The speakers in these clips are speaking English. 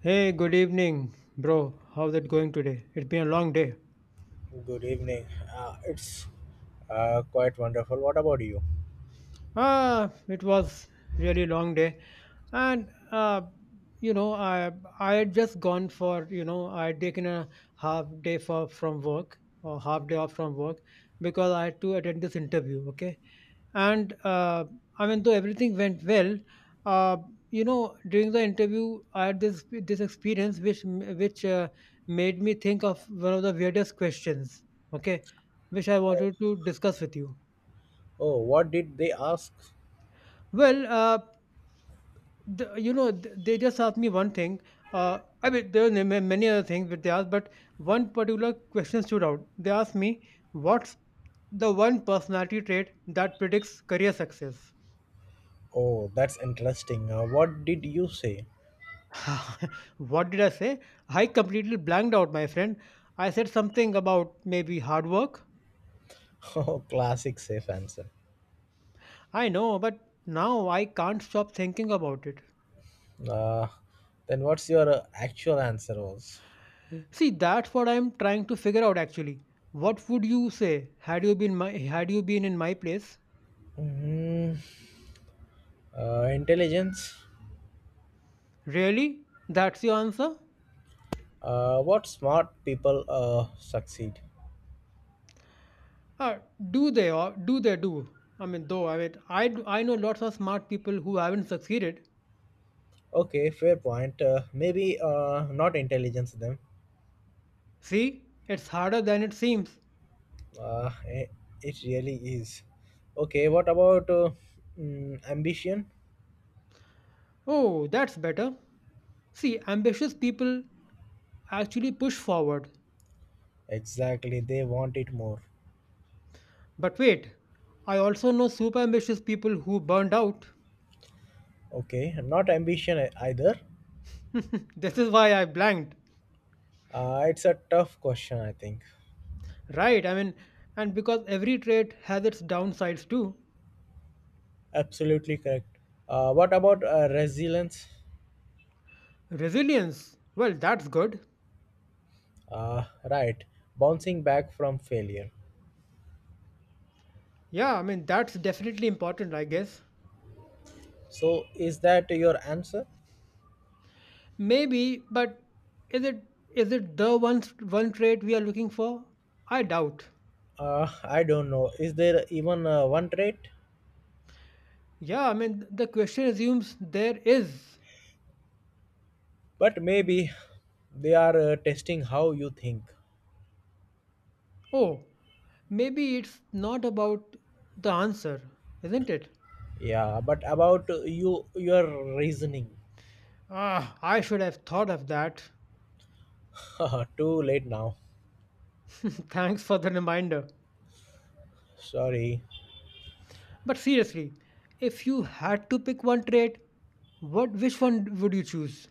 Hey, good evening, bro. How's it going today? It's been a long day. Good evening. It's quite wonderful. What about you? It was really long day, and you know, I I had just gone for I had taken a half day for from work or half day off from work because I had to attend this interview. Okay, and though everything went well, uh, during the interview, I had this experience which made me think of one of the weirdest questions. Okay, which I Oh, wanted to discuss with you. oh, what did they ask? Well. Uh, they just asked me one thing I mean there were many other things but they asked but one particular question stood out. They asked me, what's the one personality trait that predicts career success? Oh, that's interesting. What did you say? What did I say? I completely blanked out, my friend. I said something about maybe hard work. Oh, classic safe answer. I know, but now I can't stop thinking about it. Uh, then what's your actual answer was? See, that's what I'm trying to figure out actually. What would you say? Had you been in my place? Mm, Intelligence. Really? That's your answer? What smart people succeed? Uh, do they or do they do? I mean, though, I mean, I, d- I know lots of smart people who haven't succeeded. Okay, fair point. Maybe not intelligence them. See, it's harder than it seems. Uh, eh, it really is. Okay, what about ambition? Oh, that's better. See, ambitious people actually push forward. Exactly, they want it more. But wait, I also know super ambitious people who burned out. Okay, not ambition either. This is why I blanked. It's a tough question, I think. Right, I mean, and because every trait has its downsides too. Absolutely correct. What about resilience? Resilience, well, that's good. Uh, right, bouncing back from failure. Yeah, I mean, that's definitely important, I guess. So, is that your answer? Maybe, but is it is it the one one trait we are looking for? I doubt. I don't know. Is there even one trait? Yeah, I mean the question assumes there is. But maybe they are testing how you think. Oh, maybe it's not about the answer, isn't it? Yeah, but about you, your reasoning. Ah, I should have thought of that. Too late now. Thanks for the reminder. Sorry. But seriously, if you had to pick one trait, what which one would you choose?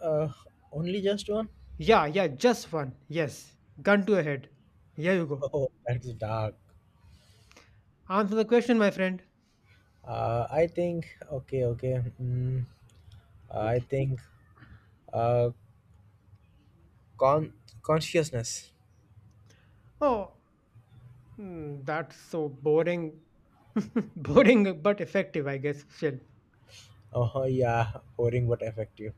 Uh, only just one? Yeah, yeah, just one. Yes. Gun to a head. Here you go. Oh, that's dark. Answer the question, my friend. I think. Okay, okay. I think. Uh, con Consciousness. Oh, hmm, that's so boring. Boring but effective, I guess, still. Oh yeah, boring but effective.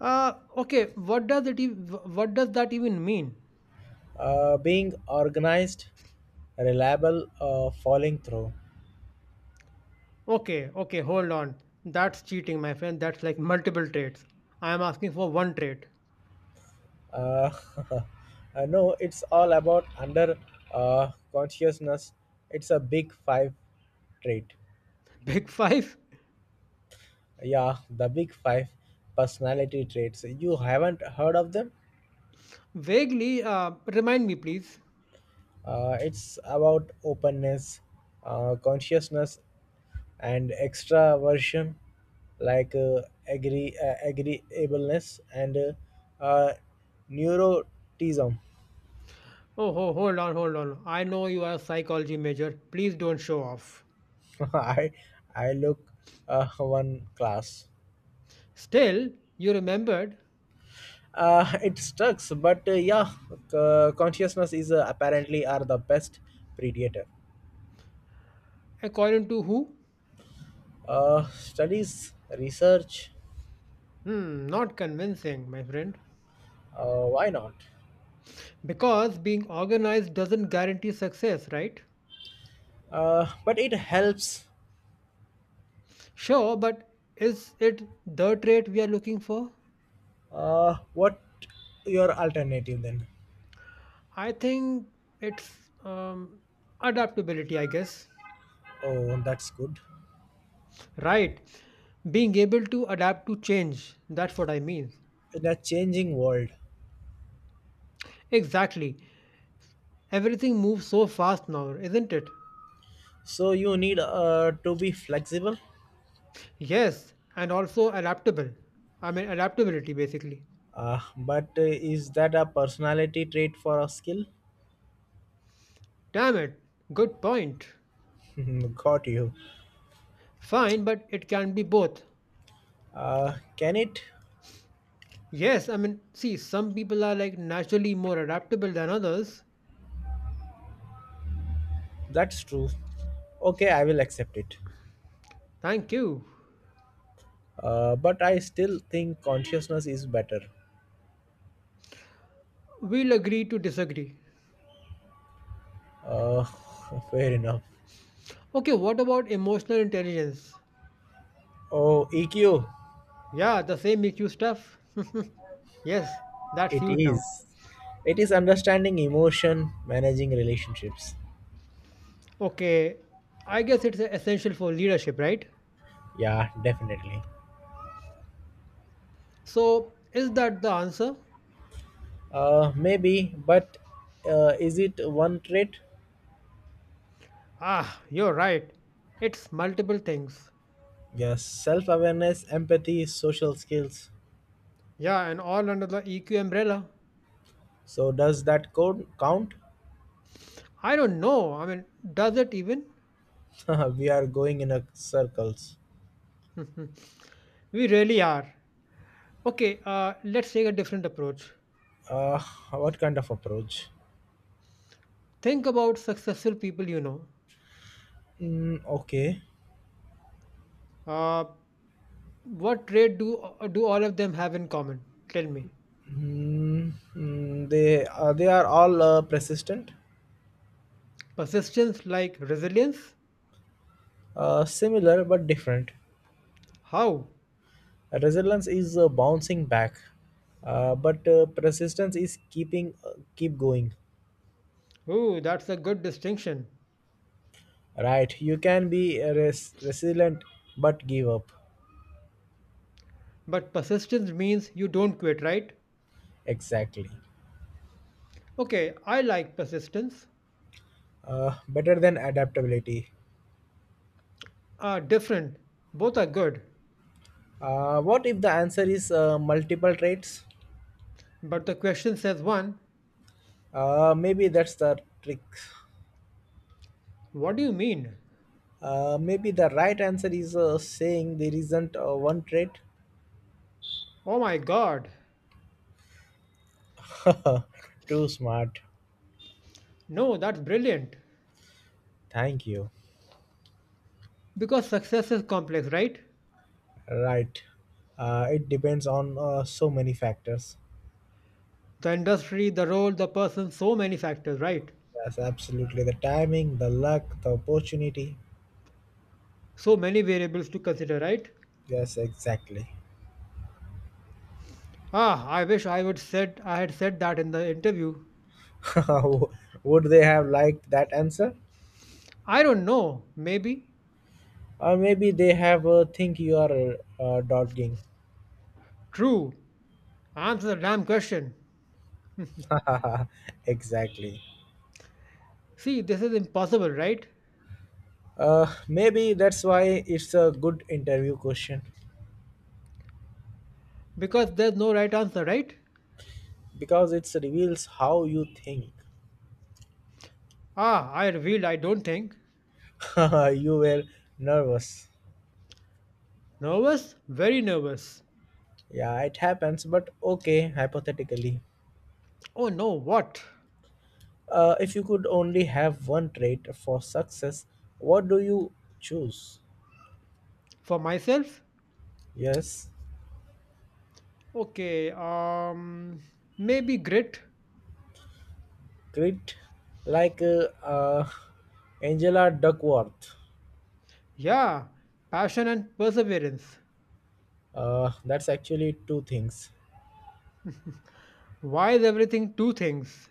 Okay, what does that even mean? Being organized, reliable, falling through. Okay, okay, hold on. That's cheating, my friend. That's like multiple traits. I am asking for one trait. uh, no, it's all about under consciousness. It's a big five trait. Big five? Yeah, the big five personality traits, you haven't heard of them? Vaguely, remind me, please. It's about openness, consciousness, and extraversion, like agreeableness, and uh, neurotism. Oh, ho, hold on, hold on. I know you are a psychology major. Please don't show off. I I look, one class. Still, you remembered. It sucks, but yeah, consciousness is apparently are the best predator. According to who? Studies, research. Hmm, not convincing, my friend. Why not? Because being organized doesn't guarantee success, right? But it helps. Sure, but is it the trait we are looking for? What your alternative then? I think it's um, adaptability, I guess. Oh, that's good. Right. Being able to adapt to change. That's what I mean. In a changing world. Exactly. Everything moves so fast now, isn't it? So you need to be flexible. Yes, and also adaptable. I mean, adaptability basically. But is that a personality trait for a skill? Damn it. Good point. Got you. Fine, but it can be both. Can it? Yes, I mean, see, some people are like naturally more adaptable than others. That's true. Okay, I will accept it. Thank you. But I still think consciousness is better. We'll agree to disagree. Uh, fair enough. Okay, what about emotional intelligence? Oh, EQ. Yeah, the same EQ stuff. Yes, that's It huge now. is. It is understanding emotion, managing relationships. Okay, I guess it's essential for leadership, right? Yeah, definitely. So, is that the answer? Maybe, but is it one trait? Ah, you're right. It's multiple things. Yes, self awareness, empathy, social skills. Yeah, and all under the EQ umbrella. So, does that code count? I don't know. I mean, does it even? We are going in a circles. We really are. Okay, let's take a different approach. Uh, what kind of approach? Think about successful people you know. Okay. Uh, what trait do all of them have in common? Tell me. They they are all persistent. Persistence like resilience? Similar but different. How? Resilience is bouncing back. But persistence is keeping keep going. Ooh, that's a good distinction. Right? You can be resilient but give up. But persistence means you don't quit, right? Exactly. Okay, I like persistence. Better than adaptability. Different. Both are good. What if the answer is multiple traits? But the question says one. Maybe that's the trick. What do you mean? Maybe the right answer is saying there isn't one trait. Oh my god. Too smart. No, that's brilliant. Thank you. Because success is complex, right? Right. It depends on so many factors. The industry, the role, the person, so many factors, right? Yes, absolutely. The timing, the luck, the opportunity. So many variables to consider, right? Yes, exactly. Ah, I wish I would said I had said that in the interview. Would they have liked that answer? I don't know, maybe. Or maybe they have think you are dogging. True. Answer the damn question. Exactly. See, this is impossible, right? Maybe that's why it's a good interview question. Because there's no right answer, right? Because it reveals how you think. Ah, I revealed I don't think. You were nervous. Nervous? Very nervous. Yeah, it happens, but okay, hypothetically. Oh no, what? If you could only have one trait for success, what do you choose? For myself? Yes, Okay, maybe grit. grit, like Angela Duckworth. Yeah, passion and perseverance. That's actually two things. Why is everything two things?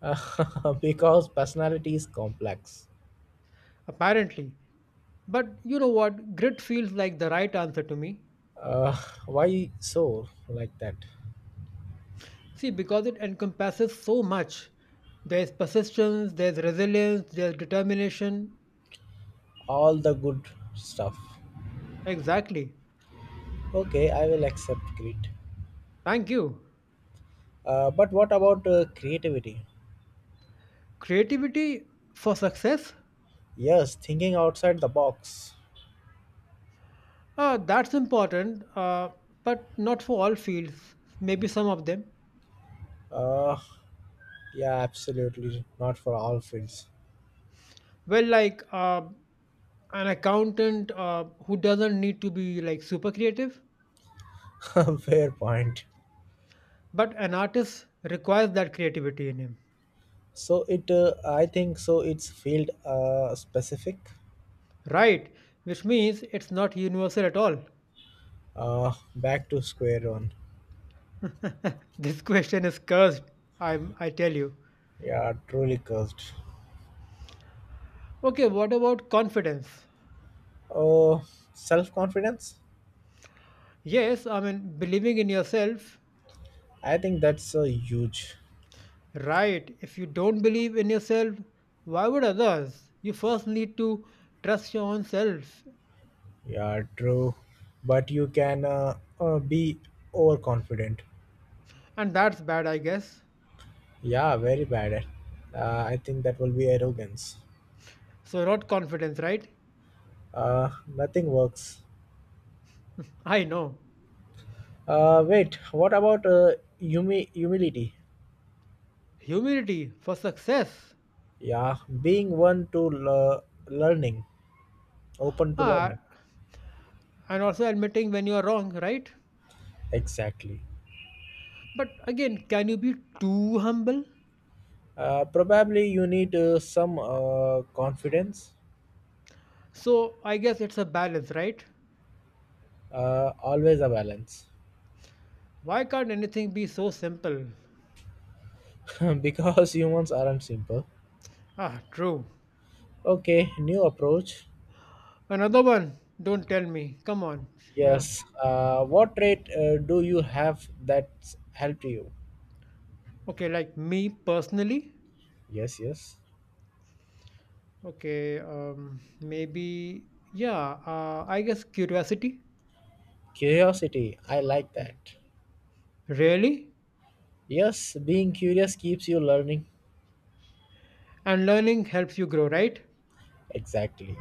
Because personality is complex. Apparently. But you know what? Grit feels like the right answer to me. Uh, why so like that? See, because it encompasses so much. There's persistence, there's resilience, there's determination. All the good stuff. Exactly. Okay, I will accept grit. Thank you. But what about creativity? Creativity for success? Yes, thinking outside the box. That's important, but not for all fields. Maybe some of them. Uh, yeah, absolutely. Not for all fields. Well, an accountant who doesn't need to be like super creative. Fair point. But an artist requires that creativity in him, So it, I think so. It's field specific. right? Which means it's not universal at all. Back to square one. This question is cursed, I tell you. Yeah, truly cursed. Okay, what about confidence? Oh, self confidence. Yes, I mean, believing in yourself, I think that's huge. right? If you don't believe in yourself, why would others? You first need to trust your own self, Yeah, true. But you can be overconfident. and that's bad, I guess. Yeah, very bad. I think that will be arrogance. So, not confidence, right? Nothing works. I know. Wait, what about humility? Humility for success. Yeah, being one to learning, open to Ah, learning. and also admitting when you are wrong, right? Exactly. But again, can you be too humble? Probably you need some confidence. So I guess it's a balance, right? Always a balance. Why can't anything be so simple? Because humans aren't simple. Ah, true. Okay, new approach. Another one. Don't tell me. Come on. Yeah. Yes. What trait do you have that's helped you? Okay, like me personally. Yes, yes. Okay, I guess curiosity. Curiosity, I like that. Really? Yes, being curious keeps you learning. And learning helps you grow, right? Exactly.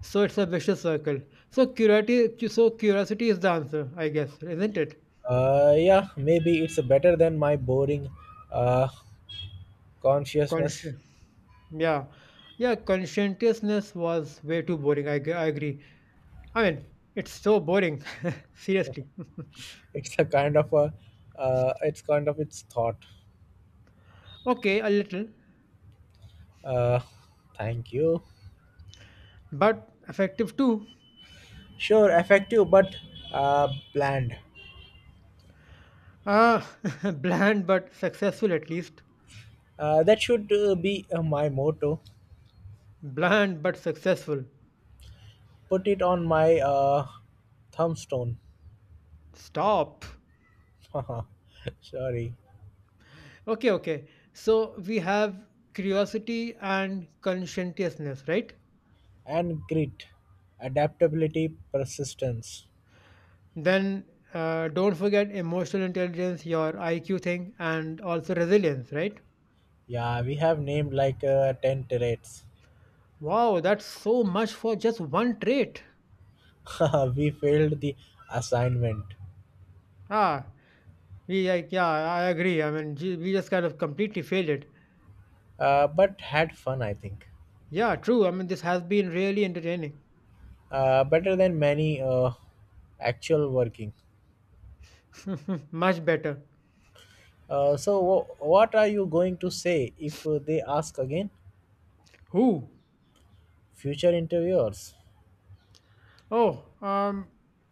So it's a vicious circle. So curiosity is the answer, I guess, isn't it? Yeah, maybe it's better than my boring uh, consciousness. Conscious. Yeah, yeah, conscientiousness was way too boring. I agree. I mean, it's so boring. Seriously. It's a kind of a, it's kind of its thought. Okay, a little, Uh, thank you. but effective too. Sure, effective but bland. Ah, bland but successful at least. That should be my motto. Bland but successful. Put it on my thumbstone. Stop. Sorry. Okay, okay. So we have curiosity and conscientiousness, right? And grit, adaptability, persistence. Then don't forget emotional intelligence, your IQ thing, and also resilience, right? Yeah, we have named like 10 traits. Wow, that's so much for just one trait. We failed the assignment, Ah, I agree. I mean, we just kind of completely failed it. But had fun, I think. Yeah, true. I mean, this has been really entertaining. Better than many actual working. Much better. So, what are you going to say if they ask again? Who? Future interviewers, Oh,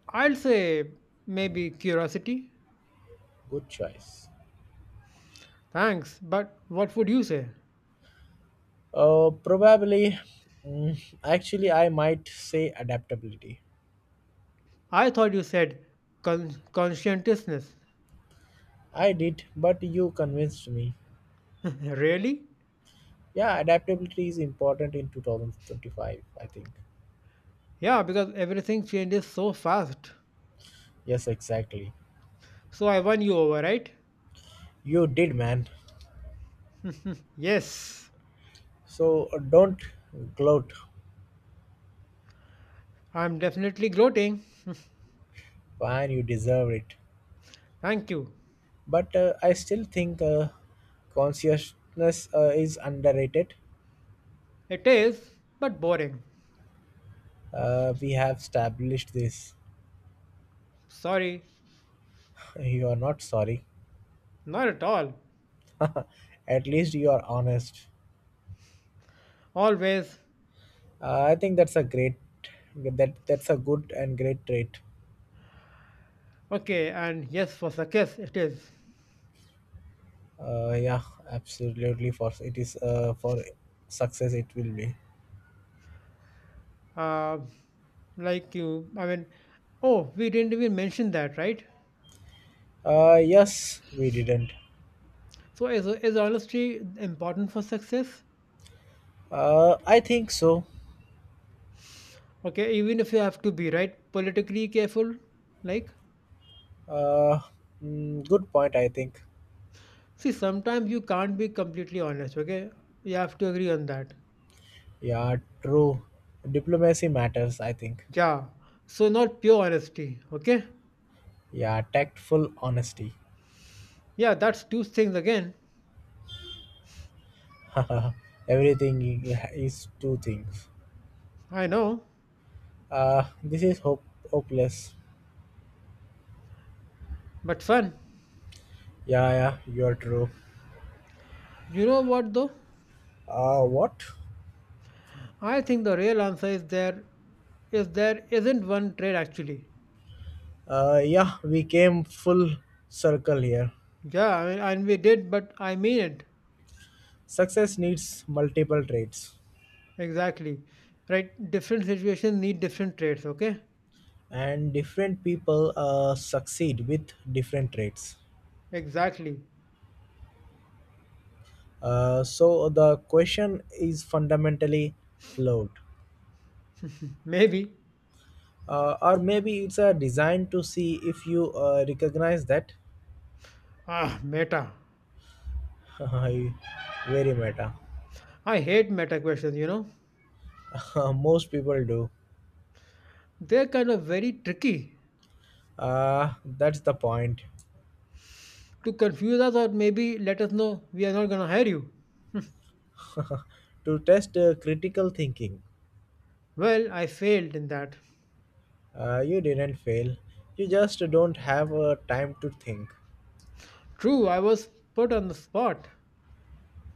I'll say maybe curiosity. good choice. Thanks, but what would you say? Probably, actually, I might say adaptability. I thought you said conscientiousness. I did, but you convinced me. Really? Yeah, adaptability is important in 2025, I think. Yeah, because everything changes so fast. Yes, exactly. So I won you over, right? You did, man. Yes. So don't gloat, I'm definitely gloating. man. You deserve it. Thank you. But I still think consciousness is underrated. It is, but boring. We have established this. Sorry, You are not sorry. not at all. At least you are honest. Always. I think that's a great that That's a good and great trait. Okay, and yes, for success, it is. Yeah, absolutely. For success, it will be. Uh, like you, I mean, oh, we didn't even mention that, right? Yes, we didn't. So, is honesty important for success? I think so. Okay, even if you have to be, right? Politically careful. Like, Uh, good point, I think. see, sometimes you can't be completely honest, okay? You have to agree on that. Yeah, true. Diplomacy matters, I think. Yeah. So, not pure honesty, okay? Yeah, tactful honesty. Yeah, that's two things again. Everything is two things. I know, Uh, this is hope- Hopeless. but fun. Yeah, yeah, you're true. You know what though? What? I think the real answer is there isn't one trade actually. Yeah, we came full circle here. Yeah, I mean, and we did, but I mean it. Success needs multiple traits. Exactly. Right? Different situations need different trades, okay? And different people succeed with different traits. Exactly. So the question is fundamentally flawed, Maybe. Or maybe it's a design to see if you recognize that. Ah, meta. Very meta. I hate meta questions, you know? Most people do. They're kind of very tricky That's the point. to confuse us or maybe let us know we are not gonna hire you. To test critical thinking. Well, I failed in that. You didn't fail. You just don't have time to think, True, I was put on the spot.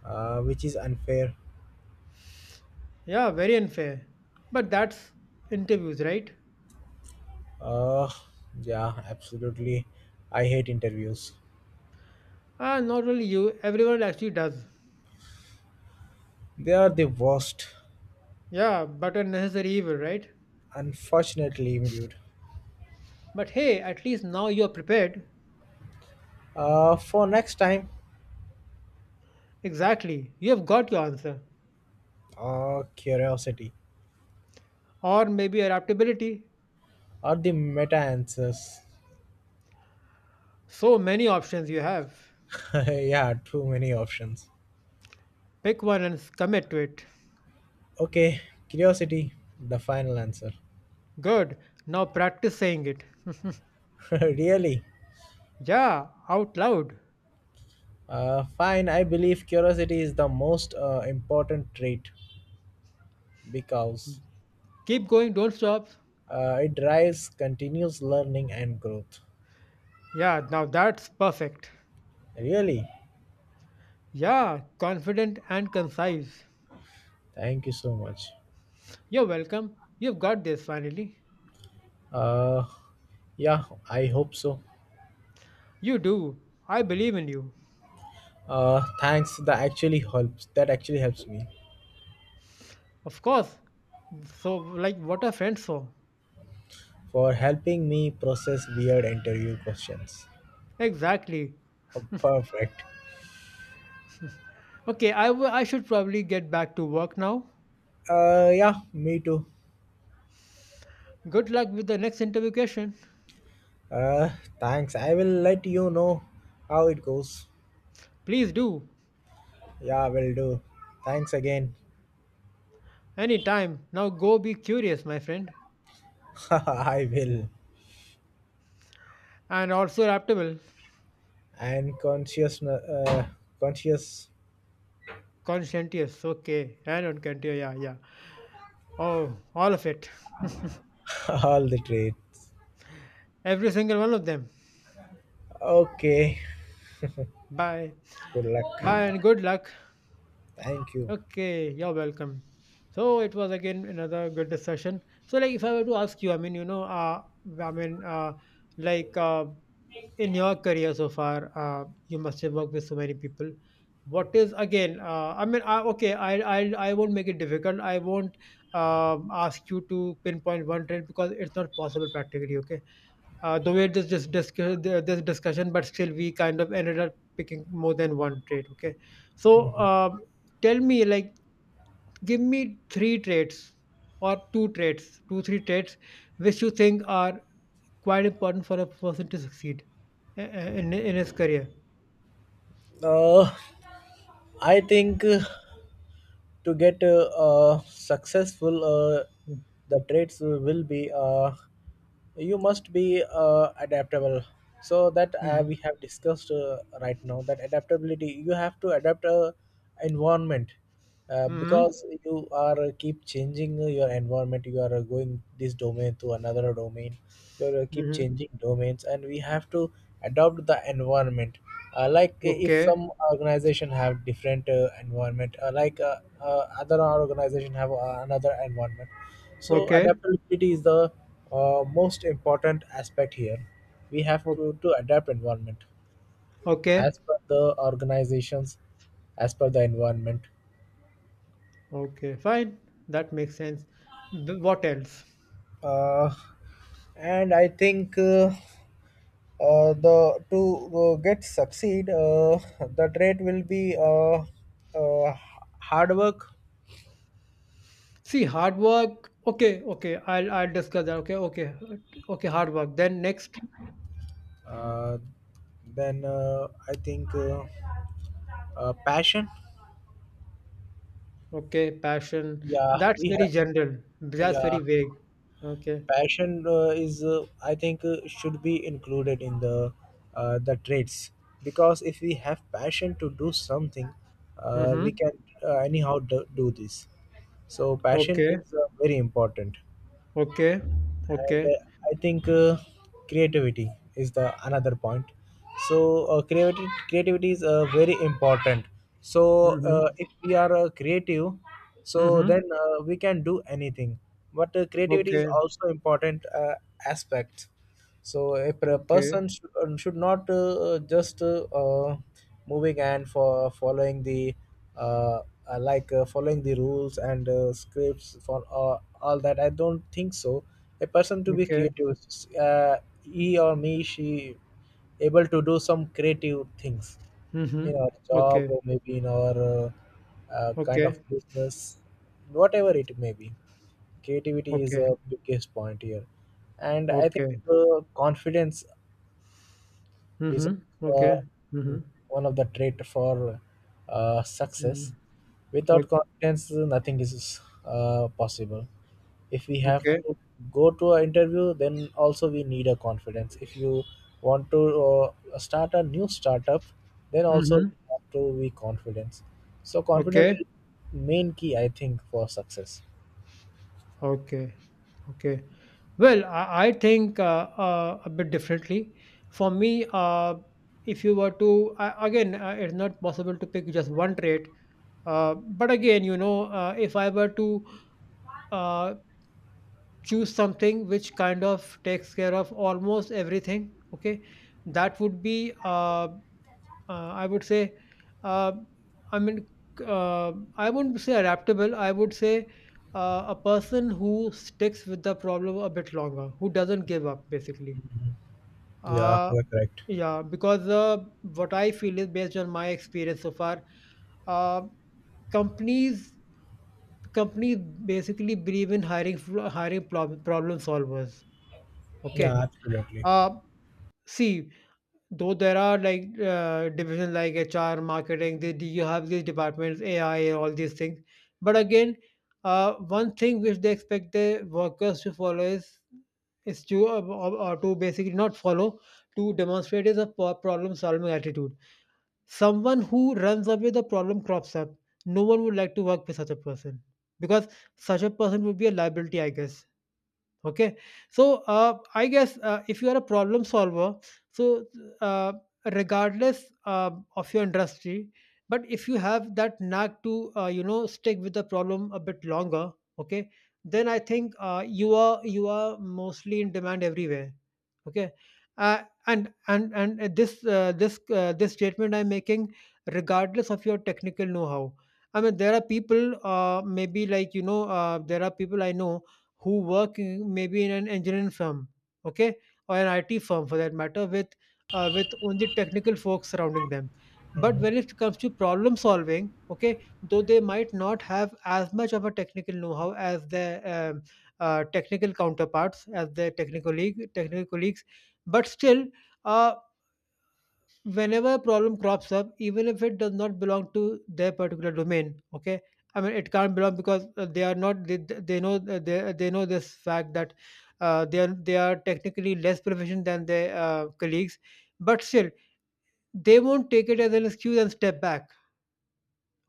which is unfair. Yeah, very unfair. But that's interviews, right? Uh, yeah, absolutely. I hate interviews. Ah, not only you, everyone actually does. They are the worst. Yeah, but a necessary evil, right? Unfortunately, dude. But hey, at least now you're prepared. For next time, Exactly. You have got your answer. Curiosity Or maybe adaptability. or the meta answers. So many options you have. Yeah, too many options. Pick one and commit to it. Okay, curiosity, the final answer. Good. Now practice saying it. Really? Yeah, out loud. Fine. I believe curiosity is the most important trait because Keep going, don't stop. It drives continuous learning and growth. Yeah, now that's perfect. Really? Yeah, confident and concise. Thank you so much. You're welcome. You've got this finally. Uh, yeah, I hope so. You do. I believe in you. Thanks. That actually helps. That actually helps me Of course. So, like, what are friends for? for helping me process weird interview questions. Exactly. Oh, perfect. Okay, I should probably get back to work now. Yeah, me too. Good luck with the next interview question. Uh, thanks. I will let you know how it goes. Please do. Yeah, will do. Thanks again. Anytime. Now go be curious, my friend. I will. And also adaptable. And conscious, Conscientious. Okay. And unconscientious. Yeah, yeah. Oh, all of it. all the trade. Every single one of them. Okay. Bye. Good Bye and luck. good luck. Thank you. Okay, you're welcome. So it was again another good discussion. So like if I were to ask you, I mean, I mean, uh, like uh, in your career so far, you must have worked with so many people. What is again? I won't make it difficult. I won't ask you to pinpoint one trend because it's not possible practically. Okay, the way this discussion, but still we kind of ended up picking more than one trade. Okay, so. Mhm. Tell me like give me three traits or two traits, three traits which you think are quite important for a person to succeed in his career. Uh, I think. To get successful, the traits will be you must be adaptable, so that we Mm-hmm. have discussed right now that adaptability you have to adapt environment, Mm-hmm. because you are keep changing your environment, you are going this domain to another domain, you are, keep Mm-hmm. changing domains, and we have to adopt the environment, like if Okay. some organization have different environment, like other organization have another environment. So Okay. adaptability is the most important aspect here. We have O- to adapt environment, okay. as per the organizations, as per the environment. Okay. Fine. That makes sense. Th- what else? uh, and I think the to get succeed, the trait will be uh, hard work. See, hard work. Okay. Okay. I'll discuss that. Okay. Okay. Okay. Hard work. Then next. Uh, then I think passion. Okay. Passion. Yeah, That's we very have. general. That's Yeah, very vague. Okay. passion is, I think, should be included in the traits, because if we have passion to do something, Mm-hmm. we can anyhow do this. So passion Okay. is very important. Okay, And okay. I think creativity is the another point. So creativity is very important. So Mhm, if we are creative, so mhm. then we can do anything. But creativity is Okay, also important aspect. So a okay, person should not just moving and for following the uh, like following the rules and scripts for all that. I don't think so. A person to be okay. creative, uh, he or me, she able to do some creative things in Mhm. our job Okay, or maybe in our kind of okay, business, whatever it may be. Creativity is okay, a biggest point here. And I think okay. Confidence is Mhm. uh, Okay. Mhm. one of the trait for success. Mhm. O Without confidence nothing is possible. If we have okay. to go to an interview, then also we need a confidence. If you want to start a new startup, then also we Mhm. have to be confidence. So confidence Okay, is main key, I think, for success. okay, okay. Well, I think a bit differently. For me, if you were to I again, it's not possible to pick just one trait. But again, you know, if I were to uh, choose something which kind of takes care of almost everything, okay, that would be I would say uh, I mean, I wouldn't say adaptable, I would say a person who sticks with the problem a bit longer, who doesn't give up basically. Yeah, uh, you're correct. yeah, because what I feel is based on my experience so far. uh, companies companies basically believe in hiring hiring problem solvers, okay. Yeah, absolutely. uh, See, though there are like divisions like HR, marketing, they, you have these departments, AI, all these things. But again, one thing which they expect the workers to follow is to or to basically not follow, to demonstrate, is a problem solving attitude. Someone who runs away the problem crops up. No one would like to work with such a person because such a person would be a liability, I guess. Okay. So I guess if you are a problem solver, so uh, regardless of your industry, but if you have that knack to, stick with the problem a bit longer, okay, then I think you are mostly in demand everywhere, okay. uh, and this statement I'm making, regardless of your technical know how. I mean, there are people maybe like, there are people I know who work in, maybe in an engineering firm, okay, or an IT firm for that matter, with only technical folks surrounding them. But Hmm. when it comes to problem solving, okay, though they might not have as much of a technical know-how as their technical counterparts, as their technical league, technical colleagues, but still, uh, whenever a problem crops up, even if it does not belong to their particular domain, okay. I mean, it can't belong because they are not. They know they know this fact that they are technically less proficient than their colleagues, but still they won't take it as an excuse and step back.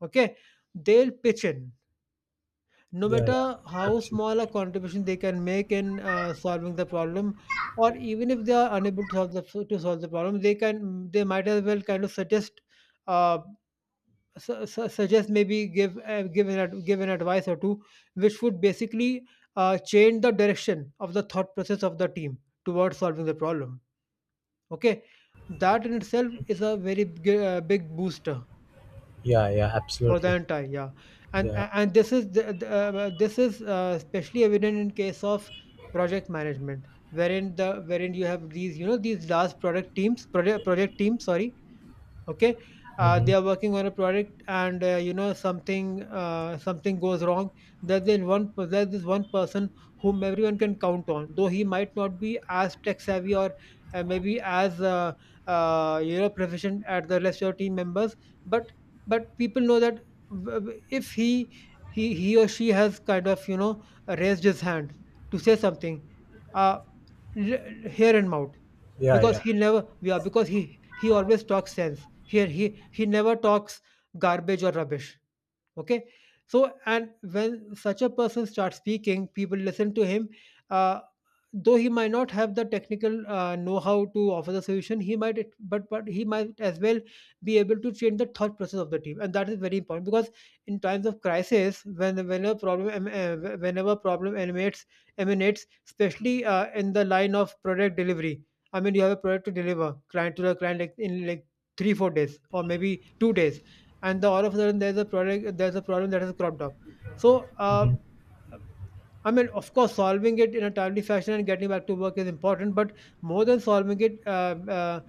Okay, they'll pitch in, no Yeah, yeah, matter how small a absolutely. contribution they can make in solving the problem, or even if they are unable to solve the problem, they can, they might as well kind of suggest uh, suggest, maybe give give an advice or two, which would basically change the direction of the thought process of the team towards solving the problem. Okay, that in itself is a very big, big booster Yeah, yeah, for the absolutely. entire, yeah. Yeah. And this is this is especially evident in case of project management, wherein the wherein you have these, you know, these large product teams, project teams sorry, okay. Hmm. they are working on a product, and something goes wrong. There's this one person whom everyone can count on, though he might not be as tech savvy or maybe as proficient at the rest of your team members, but but people know that if he he or she has kind of, you know, raised his hand to say something, uh, hear him out, Yeah, because yeah. he never yeah because he always talks sense here, he never talks garbage or rubbish, okay. So and when such a person starts speaking, people listen to him. uh, though he might not have the technical know-how to offer the solution, he might, but he might as well be able to change the thought process of the team, and that is very important because in times of crisis, whenever whenever problem emanates emanates, especially in the line of product delivery. I mean, you have a product to deliver client to the client, like in like 3 4 days or maybe 2 days, and the all of a sudden there's a product there's a problem that has cropped up. So Hmm. I mean, of course solving it in a timely fashion and getting back to work is important, but more than solving it,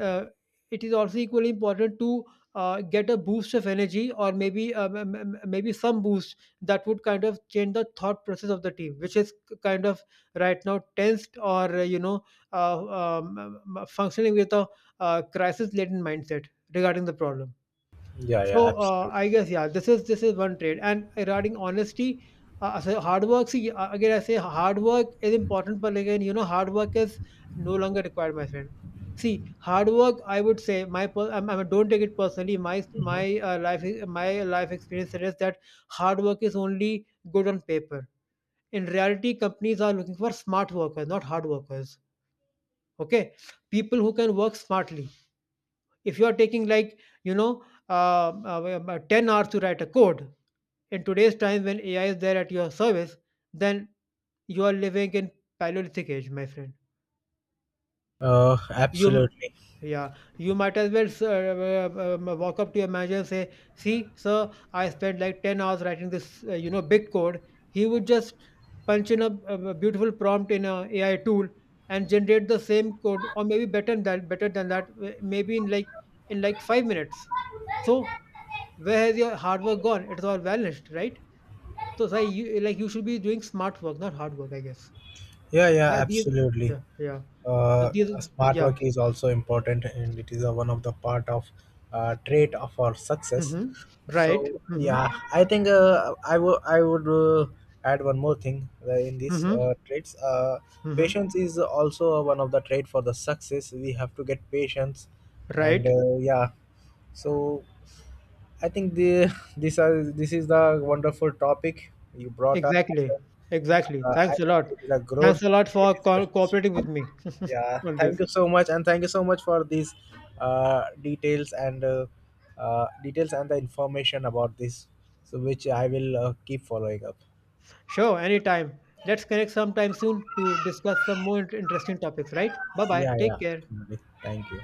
uh, it is also equally important to get a boost of energy, or maybe maybe some boost that would kind of change the thought process of the team, which is kind of right now tensed or, uh, functioning with a crisis laden mindset regarding the problem. Yeah, yeah, So absolutely. I guess yeah, this is one trait. And regarding honesty, so hard work. See, again, I say hard work is important, but again, you know, hard work is no longer required, my friend. See, hard work. I would say I don't take it personally. Hmm. My life experience suggests that hard work is only good on paper. In reality, companies are looking for smart workers, not hard workers. Okay, people who can work smartly. If you are taking, like, you know, 10 hours to write a code in today's time when AI is there at your service, then you are living in Paleolithic age, my friend. You, m- Absolutely. yeah, you might as well walk up to your manager and say, "See, sir, I spent like 10 hours writing this, you know, big code." He would just punch in a beautiful prompt in a AI tool and generate the same code, or maybe better than that, maybe in like 5 minutes. So where has your hard work gone? It's all vanished, right? So it's like you should be doing smart work, not hard work, I guess. Yeah, yeah, Yeah, these absolutely. yeah, yeah. So Uh, these smart yeah. work is also important, and it is a, one of the part of trait of our success. Mm-hmm. Right. So Mm-hmm. yeah, I think I would add one more thing in this Mm-hmm. Traits. Mm-hmm. Patience is also one of the trait for the success. We have to get patience, and Right. Yeah, so I think the this are this is the wonderful topic you brought up. Exactly. Exactly. I Thanks a think lot. it is a good Thanks a lot great for discussions. cooperating with me Yeah, on thank this. you so much, and thank you so much for these details and the information about this. So which I will keep following up. Sure, anytime. Let's connect sometime soon to discuss some more interesting topics, right? Bye bye. Yeah, yeah, Take care. absolutely. Thank you.